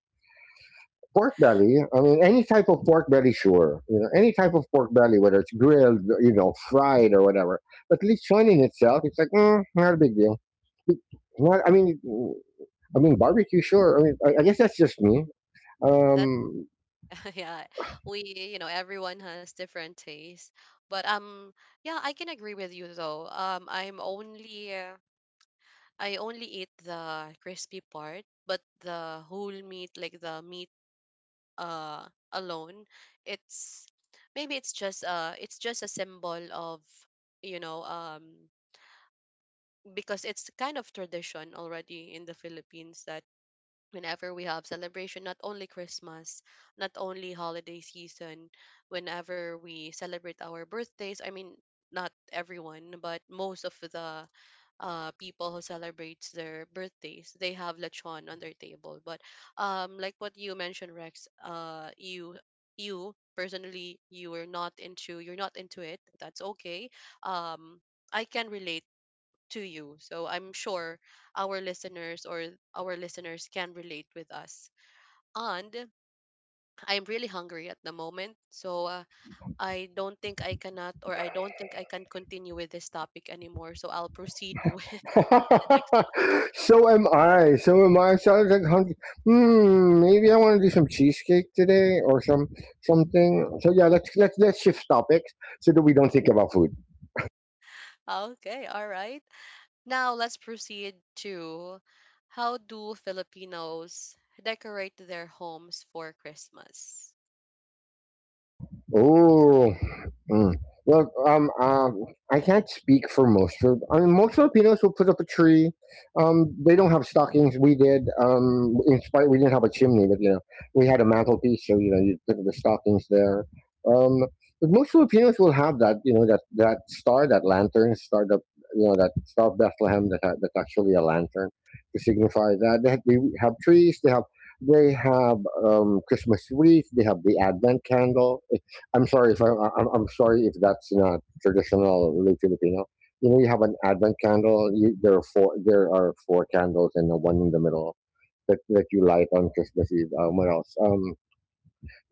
Speaker 2: Pork belly. I mean, any type of pork belly, sure. You know, any type of pork belly, whether it's grilled, you know, fried or whatever. But lechon in itself, it's like, mm, not a big deal. Not, I mean barbecue, sure. I mean, I guess that's just me.
Speaker 1: That,
Speaker 2: Um,
Speaker 1: yeah, we, you know, everyone has different taste. But yeah, I can agree with you though. I'm only, I only eat the crispy part, but the whole meat, like the meat uh alone, it's maybe it's just a symbol of, you know um because it's kind of tradition already in the Philippines that whenever we have celebration, not only Christmas, not only holiday season, whenever we celebrate our birthdays, I mean not everyone, but most of the people who celebrates their birthdays, they have lechon on their table. But like what you mentioned, Rex, you, you personally you are not into, you're not into it. That's okay. um I can relate to you. So I'm sure our listeners, or our listeners, can relate with us. And I'm really hungry at the moment. So I don't think I cannot, or I don't think I can continue with this topic anymore. So I'll proceed with the next.
Speaker 2: so am I. So am I. So I was like, hungry. Hmm, maybe I want to do some cheesecake today or some something. So yeah, let's shift topics so that we don't think about food.
Speaker 1: Okay, all right. Now let's proceed to, how do Filipinos decorate their homes for Christmas?
Speaker 2: Oh, mm. Well, I can't speak for most. I mean, most Filipinos will put up a tree. They don't have stockings. We did. In spite, we didn't have a chimney, but you know, we had a mantelpiece, so you know, you put the stockings there. Um, but most Filipinos will have that. You know, that that star, that lantern, star, the you know, that star of Bethlehem that that's actually a lantern to signify that they have trees. They have they have Christmas wreath, they have the Advent candle. I'm sorry if I'm sorry if that's not traditional Filipino. You know, you have an Advent candle. You, there are four. There are four candles and the one in the middle that, that you light on Christmas Eve. What else?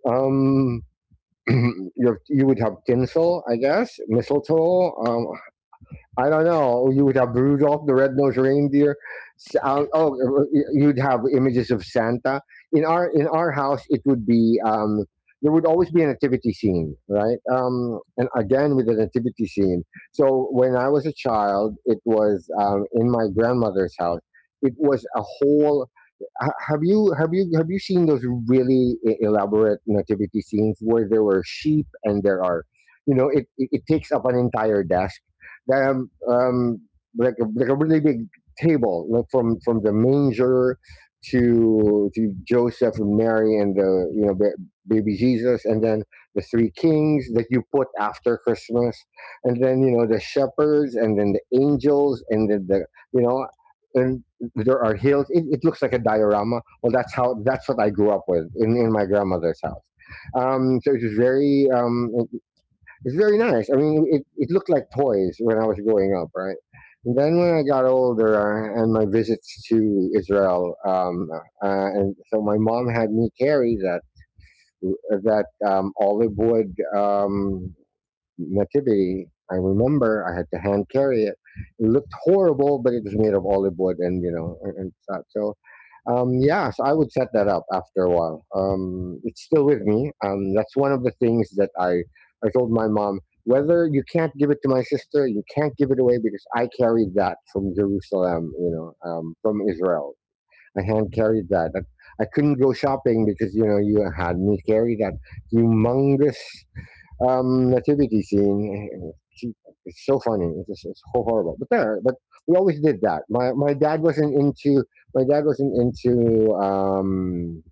Speaker 2: Um, um, you would have tinsel, I guess, mistletoe. I don't know. You would have Rudolph the Red-Nosed Reindeer.
Speaker 1: Yeah,
Speaker 2: Oh, you'd have images of Santa. In our house, it would be there would always be a nativity scene, right? And again with the nativity scene. So when I was a child, it was in my grandmother's house. It was a whole have you have you seen those really elaborate nativity scenes where there were sheep and there are, you know, it takes up an entire desk, um, um like a really big table, like from the manger to Joseph and Mary and the, you know, baby Jesus, and then the three kings that you put after Christmas, and then you know the shepherds and then the angels, and then the you know, and there are hills. It looks like a diorama. Well, that's how, that's what I grew up with in my grandmother's house. So it was very it's very nice. I mean, it looked like toys when I was growing up, right? And then when I got older and my visits to Israel, and so my mom had me carry that olive wood um, nativity. I remember I had to hand carry it. It looked horrible, but it was made of olive wood, and you know, and such. So, yeah, so I would set that up after a while. It's still with me. That's one of the things that I told my mom. Whether you can't give it to my sister, you can't give it away because I carried that from Jerusalem, you know, from Israel. I hand carried that. I couldn't go shopping because you know you had me carry that humongous nativity scene. She, it's so funny. It's just it's so horrible. But there, but we always did that. My dad wasn't into my dad wasn't into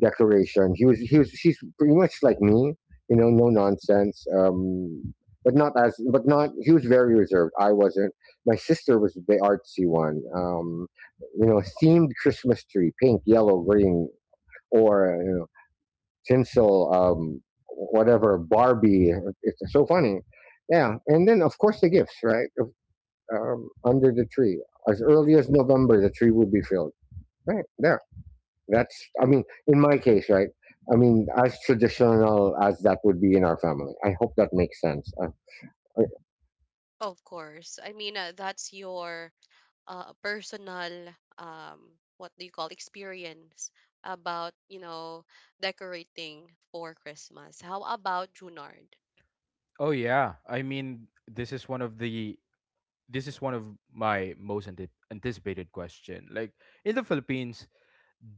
Speaker 2: declaration. He was, she's pretty much like me. You know, no nonsense. But not as but not he was very reserved. I wasn't. My sister was the artsy one. You know, themed Christmas tree, pink, yellow, green, or you know, tinsel, whatever, Barbie. It's so funny. Yeah, and then of course the gifts, right? Under the tree, as early as November, the tree would be filled. Right there. That's. I mean, in my case, right. I mean, as traditional as that would be in our family. I hope that makes sense. Uh,
Speaker 1: of course. I mean, that's your personal, what do you call, experience about, you know, decorating for Christmas. How about Junard?
Speaker 3: oh yeah, I mean this is one of the, this is one of my most anticipated question. Like, in the Philippines,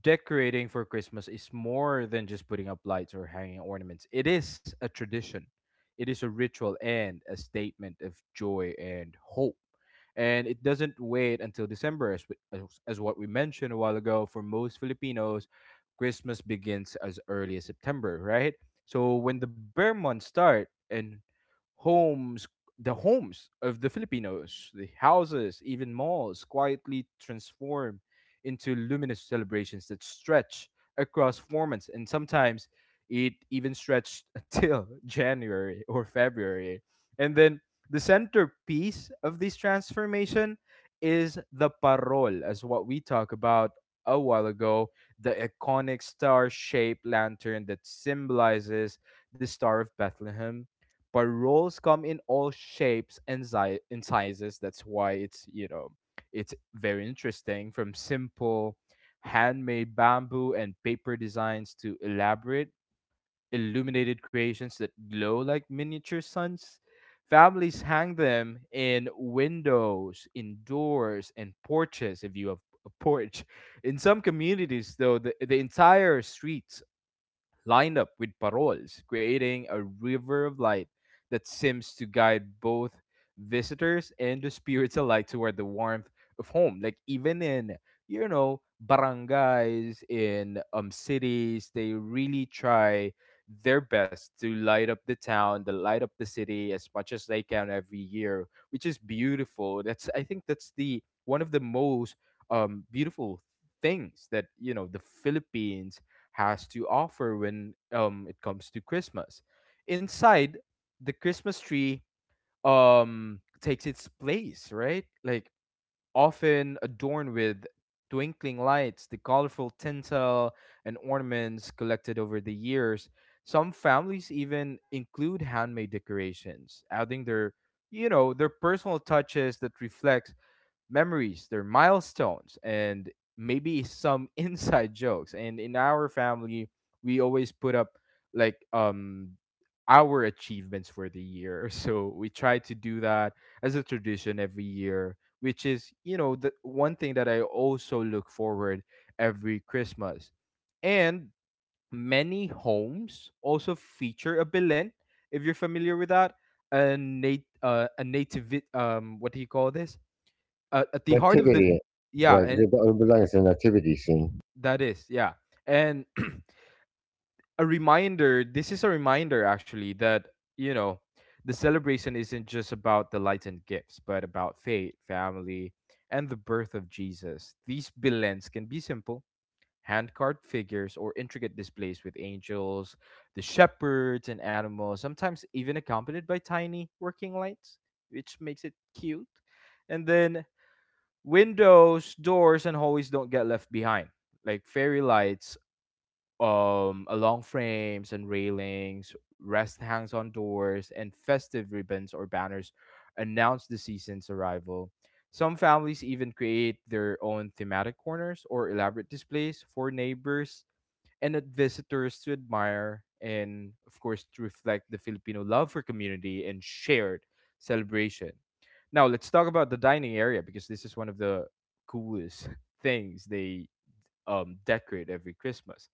Speaker 3: decorating for Christmas is more than just putting up lights or hanging ornaments. It is a tradition, it is a ritual, and a statement of joy and hope. And it doesn't wait until December, as, we, as what we mentioned a while ago. For most Filipinos, Christmas begins as early as September, right? So when the bear months start and homes, the homes of the Filipinos, the houses, even malls, quietly transform into luminous celebrations that stretch across 4 months, and sometimes it even stretched till January or February. And then the centerpiece of this transformation is the parol, as what we talked about a while ago, the iconic star shaped lantern that symbolizes the Star of Bethlehem. Paroles come in all shapes and, and sizes. That's why it's, you know, it's very interesting, from simple handmade bamboo and paper designs to elaborate illuminated creations that glow like miniature suns. Families hang them in windows, indoors, and porches if you have a porch. In some communities, though, the entire street lined up with paroles, creating a river of light that seems to guide both visitors and the spirits alike toward the warmth of home. Like even in, you know, barangays in cities, they really try their best to light up the town, to light up the city as much as they can every year, which is beautiful. That's, I think that's the one of the most beautiful things that, you know, the Philippines has to offer when it comes to Christmas. Inside, the Christmas tree takes its place, right? Like often adorned with twinkling lights, the colorful tinsel and ornaments collected over the years. Some families even include handmade decorations, adding their, you know, their personal touches that reflect memories, their milestones, and maybe some inside jokes. And in our family, we always put up like our achievements for the year. So we try to do that as a tradition every year, which is, you know, the one thing that I also look forward every Christmas. And many homes also feature a Belen, if you're familiar with that, a native, what do you call this, at the heart of the
Speaker 2: nativity,
Speaker 3: yeah,
Speaker 2: right?
Speaker 3: and
Speaker 2: The Bible is a nativity scene,
Speaker 3: that is, yeah, and a reminder this is a reminder actually that, you know, the celebration isn't just about the lights and gifts but about faith, family, and the birth of Jesus. These billets can be simple hand carved figures or intricate displays with angels, the shepherds, and animals, sometimes even accompanied by tiny working lights, which makes it cute. And then windows, doors, and hallways don't get left behind, like fairy lights along frames and railings, rest hangs on doors, and festive ribbons or banners announce the season's arrival. Some families even create their own thematic corners or elaborate displays for neighbors and at visitors to admire and, of course, to reflect the Filipino love for community and shared celebration. Now, let's talk about the dining area because this is one of the coolest things they decorate every Christmas.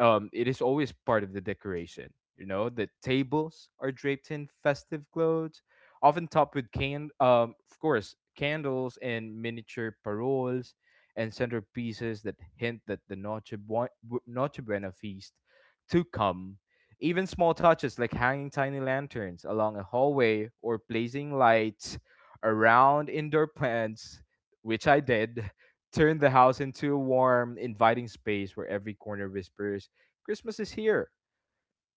Speaker 3: It is always part of the decoration. You know, the tables are draped in festive clothes, often topped with of course, candles and miniature paroles and centerpieces that hint that the Noche Buena feast to come. Even small touches like hanging tiny lanterns along a hallway or placing lights around indoor plants, which I did, turn the house into a warm, inviting space where every corner whispers Christmas is here.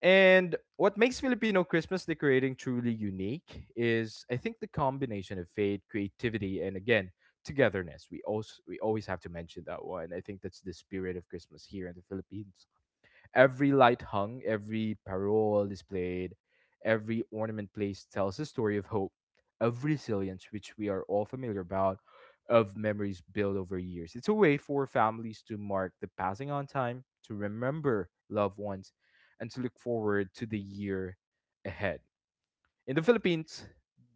Speaker 3: And what makes Filipino Christmas decorating truly unique is, I think, the combination of faith, creativity, and again, togetherness. We also, we always have to mention that one. I think that's the spirit of Christmas here in the Philippines. Every light hung, every parole displayed, every ornament placed tells a story of hope, of resilience, which we are all familiar about, of memories built over years. It's a way for families to mark the passing on time, to remember loved ones, and to look forward to the year ahead. In the Philippines,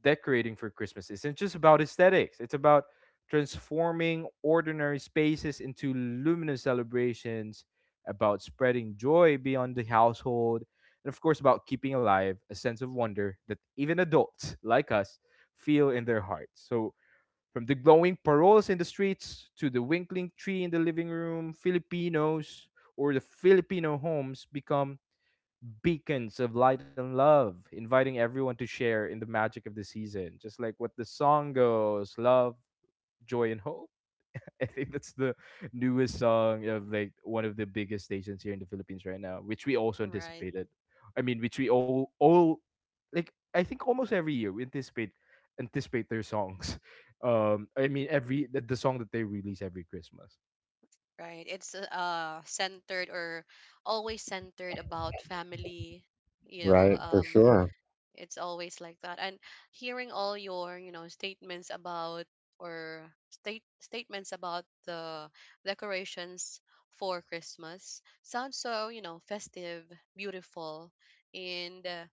Speaker 3: decorating for Christmas isn't just about aesthetics, it's about transforming ordinary spaces into luminous celebrations, about spreading joy beyond the household, and of course, about keeping alive a sense of wonder that even adults like us feel in their hearts. So, from the glowing paroles in the streets to the winkling tree in the living room, Filipinos or the Filipino homes become beacons of light and love, inviting everyone to share in the magic of the season. Just like what the song goes: love, joy, and hope. I think that's the newest song of like one of the biggest stations here in the Philippines right now, which we also
Speaker 1: Right,
Speaker 3: anticipated. I mean, which we all like, I think almost every year we anticipate their songs. I mean, every the song that they release every Christmas.
Speaker 1: right. It's centered, or always centered, about family, you know.
Speaker 2: right? For sure.
Speaker 1: It's always like that. And hearing all your, you know, statements about, or statements about the decorations for Christmas sounds so, you know, festive, beautiful, and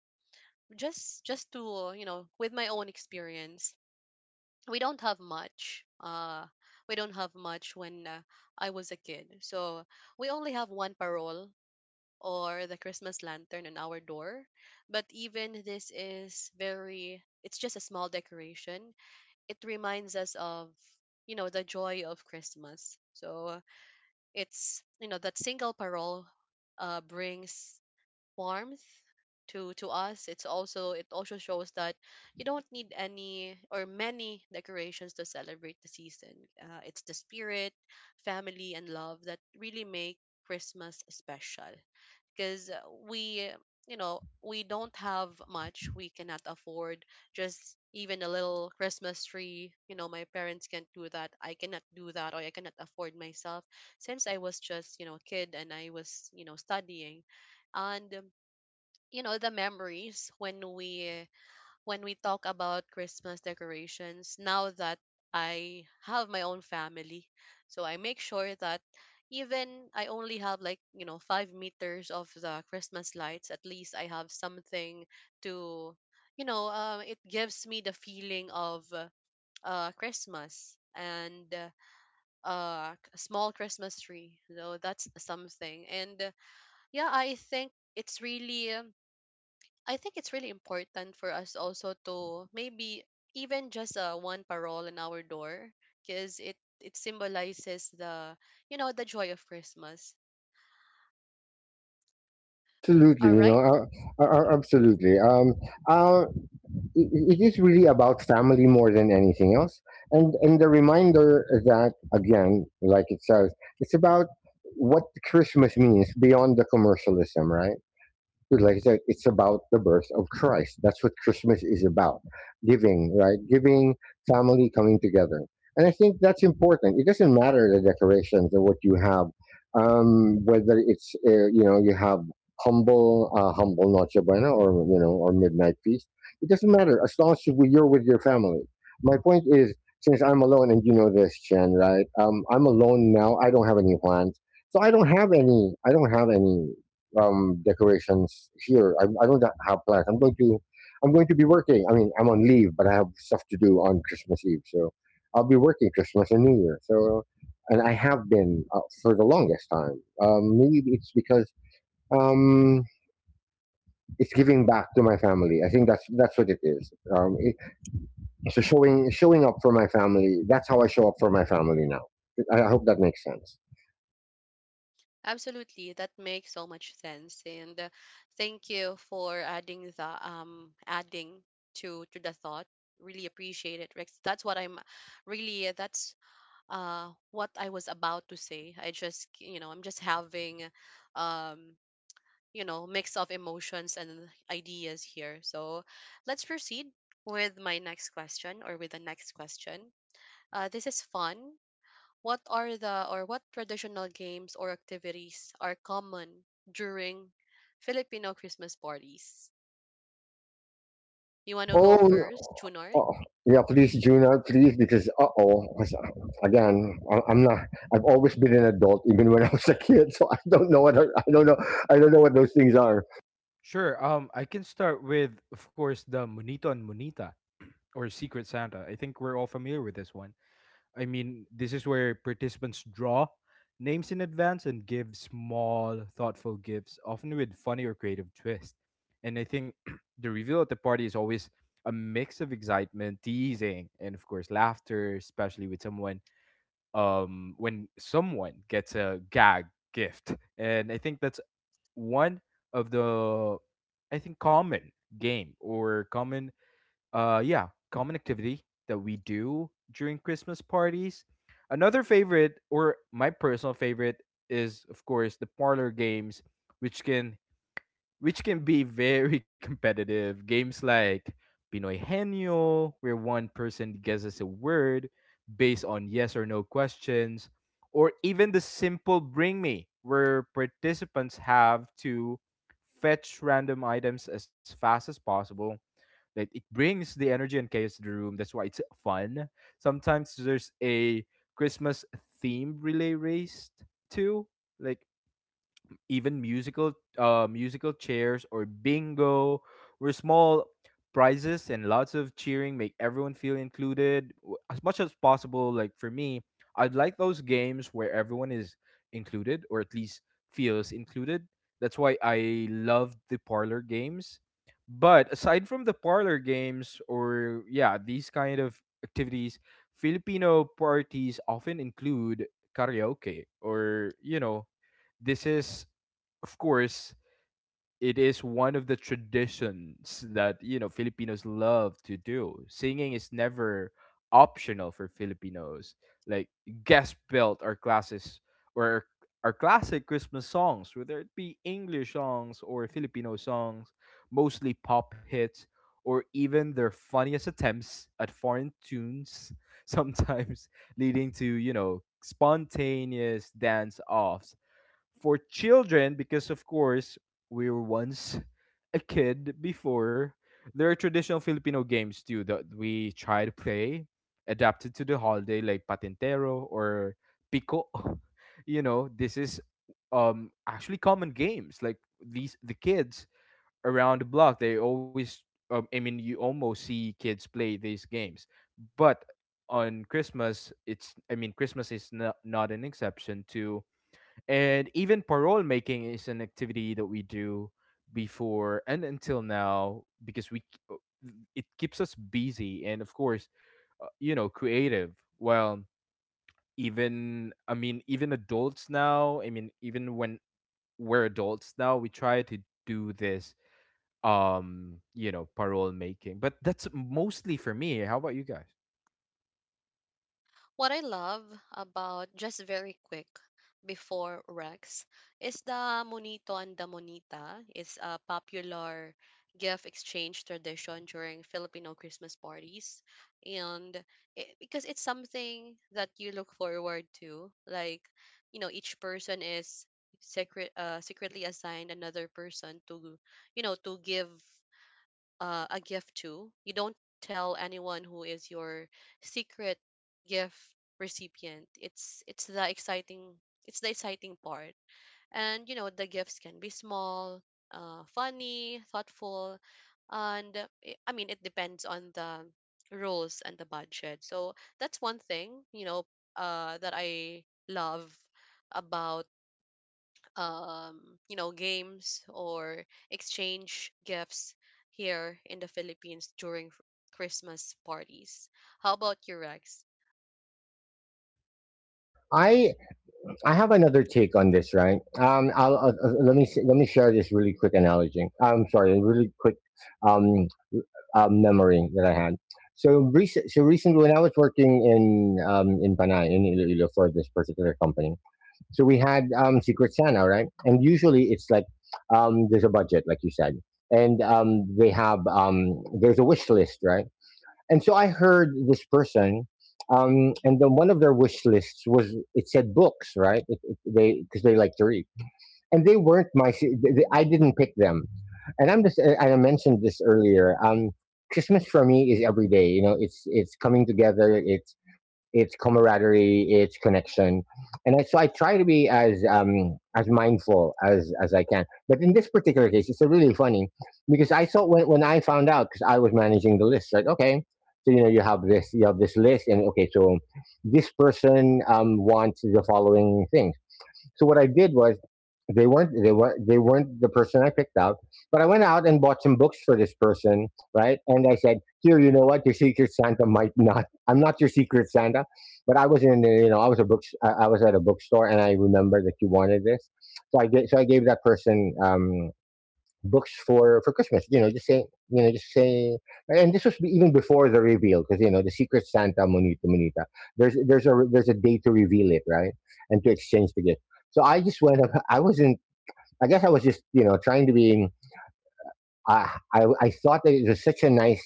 Speaker 1: just to, you know, with my own experience, we don't have much. Uh, we don't have much when I was a kid. So we only have one parole, or the Christmas lantern, on our door. But even this is very, it's just a small decoration. It reminds us of, you know, the joy of Christmas. So it's, you know, that single parole brings warmth to us. It's also, it also shows that you don't need any or many decorations to celebrate the season. It's the spirit, family, and love that really make Christmas special. Because we you know, we don't have much. We cannot afford just even a little Christmas tree. You know, my parents can't do that, I cannot do that, or I cannot afford myself since I was just, you know, a kid and I was, you know, studying. And you know, the memories when we talk about Christmas decorations, now that I have my own family, so I make sure that even I only have like, you know, 5 meters of the Christmas lights, at least I have something to, you know, it gives me the feeling of Christmas, and a small Christmas tree, so that's something. And yeah, I think it's really, I think it's really important for us also to maybe even just one parole in our door, because it symbolizes the, you know, the joy of Christmas.
Speaker 2: Absolutely,
Speaker 1: All
Speaker 2: you know,
Speaker 1: right,
Speaker 2: absolutely. Uh, it, it is really about family more than anything else and the reminder that again like it says it's about what Christmas means beyond the commercialism, right? Like I said, it's about the birth of Christ. That's what Christmas is about. Giving, right? Giving, family coming together. And I think that's important. It doesn't matter the decorations or what you have, whether it's, you know, you have humble, humble Noche Buena or, you know, or midnight feast. It doesn't matter as long as you- you're with your family. My point is, since I'm alone, and you know this, Chen, right? I'm alone now. I don't have any plans. So I don't have any. I don't have any decorations here. I don't have plans. I'm going to be working. I mean, I'm on leave, but I have stuff to do on Christmas Eve, so I'll be working Christmas and New Year. So, and I have been for the longest time. Maybe it's because um, it's giving back to my family. I think that's what it is. So showing up for my family. That's how I show up for my family now. I hope that makes sense.
Speaker 1: absolutely, that makes so much sense. And thank you for adding the adding to the thought. Really appreciate it, Rex. That's what I'm really, that's what I was about to say. I just, you know, I'm just having um you know, mix of emotions and ideas here. So let's proceed with my next question, or with the next question. This is fun. What are the, or what traditional games or activities are common during Filipino Christmas parties? You want to go
Speaker 2: Oh, no.
Speaker 1: first, Junard?
Speaker 2: Oh, yeah, please, Juna, please, because uh, oh, again, I, I'm not. I've always been an adult, even when I was a kid. So I don't know what I don't know. I don't know what those things are.
Speaker 3: Sure. I can start with, of course, the Monito and Monita or Secret Santa. I think we're all familiar with this one. I mean, this is where participants draw names in advance and give small, thoughtful gifts, often with funny or creative twist. And I think the reveal at the party is always a mix of excitement, teasing, and of course laughter, especially with someone when someone gets a gag gift. And I think that's one of the, I think, common game or common yeah, common activity that we do during Christmas parties. Another favorite, or my personal favorite, is of course the parlor games, which can which can be very competitive. Games like Pinoy Henyo, where one person guesses a word based on yes or no questions, or even the simple Bring Me, where participants have to fetch random items as fast as possible, like it brings the energy and chaos to the room. That's why it's fun. Sometimes there's a Christmas theme relay race too. Like even musical chairs or bingo, where small prizes and lots of cheering make everyone feel included, as much as possible. Like for me, I'd like those games where everyone is included or at least feels included. That's why I love the parlor games. But aside from the parlor games or yeah, these kind of activities, Filipino parties often include karaoke, or, you know, this is, of course, it is one of the traditions that, you know, Filipinos love to do. Singing is never optional for Filipinos. Like guest belt our classes or our classic Christmas songs, whether it be English songs or Filipino songs, mostly pop hits, or even their funniest attempts at foreign tunes, sometimes leading to, you know, spontaneous dance offs for children, because of course we were once a kid before. There are traditional Filipino games too that we try to play adapted to the holiday, like patintero or pico. You know, this is, um, actually common games like these, the kids around the block they always, I mean, you almost see kids play these games, but on Christmas it's, I mean, Christmas is not, not an exception to. And even parole making is an activity that we do before and until now because we, uh, it keeps us busy and, of course, you know, creative. Well, even I mean even adults now, I mean even when we're adults now, we try to do this, you know, parole making. But that's mostly for me. How about you guys?
Speaker 1: What I love about, just very quick before Rex, is the monito and the monita. It's a popular gift exchange tradition during Filipino Christmas parties. And it, because it's something that you look forward to, like, you know, each person is secretly assigned another person to, you know, to give a gift to. You don't tell anyone who is your secret gift recipient. It's the exciting part. And you know, the gifts can be small, funny, thoughtful, and I mean, it depends on the rules and the budget. So that's one thing, you know, that I love about, um, you know, games or exchange gifts here in the Philippines during Christmas parties. How about you, Rex?
Speaker 2: I I have another take on this, right? I'll, let me let me share this really quick analogy. I'm sorry, a really quick um, memory that I had. So recently when I was working in Panay in Iloilo for this particular company, so we had Secret Santa, right? And usually it's like there's a budget, like you said, and they have there's a wish list, right? And so I heard this person, and then one of their wish lists was it said books, right? It, they because they like to read, and they weren't my. I didn't pick them, and I'm just. And I mentioned this earlier. Christmas for me is every day. You know, it's coming together. It's camaraderie, it's connection, and I, so I try to be as mindful as I can. But in this particular case, it's really funny because I saw when I found out because I was managing the list, like okay, so you know you have this list, and okay, so this person wants the following things. So what I did was they weren't they were not they weren't the person I picked out, but I went out and bought some books for this person, right? And I said, "Here, you know what? Your Secret Santa might not. I'm not your Secret Santa, but I was in the, you know I was a book I was at a bookstore and I remember that you wanted this, so I gave that person books for Christmas. You know, just saying, you know, just saying, and this was even before the reveal because you know the Secret Santa Monita Monita. There's a day to reveal it, right, and to exchange the gift. So I just went up. I wasn't. I guess I was just you know trying to be. Uh, I thought that it was such a nice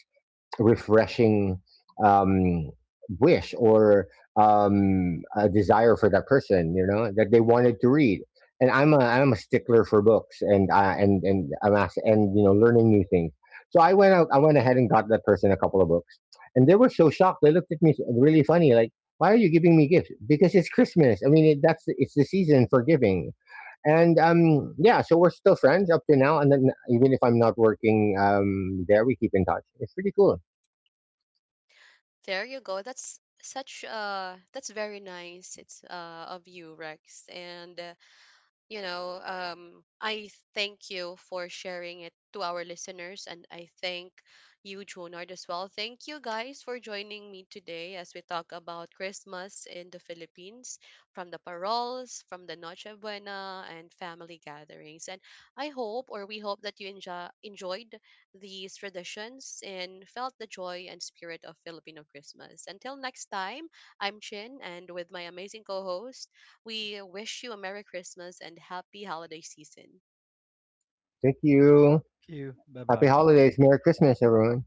Speaker 2: refreshing um, wish or a desire for that person, you know, that they wanted to read. And I'm a stickler for books, and I'm asked, and you know learning new things. So I went out, I went ahead and got that person a couple of books, and they were so shocked. They looked at me really funny, like, "Why are you giving me gifts?" Because it's Christmas. I mean, it, that's it's the season for giving and um, yeah, so we're still friends up to now and then even if I'm not working um, there we keep in touch. It's pretty cool.
Speaker 1: There you go. That's such, that's very nice. It's of you, Rex. And you know, I thank you for sharing it to our listeners, and I thank you, Junard, as well. Thank you guys for joining me today as we talk about Christmas in the Philippines, from the paroles, from the Noche Buena, and family gatherings. And I hope, or we hope, that you enjoyed these traditions and felt the joy and spirit of Filipino Christmas. Until next time, I'm Chin, and with my amazing co-host. We wish you a Merry Christmas and Happy Holiday Season.
Speaker 2: Thank you.
Speaker 3: Thank you. Bye
Speaker 2: Happy
Speaker 3: bye.
Speaker 2: holidays, Merry Christmas, everyone.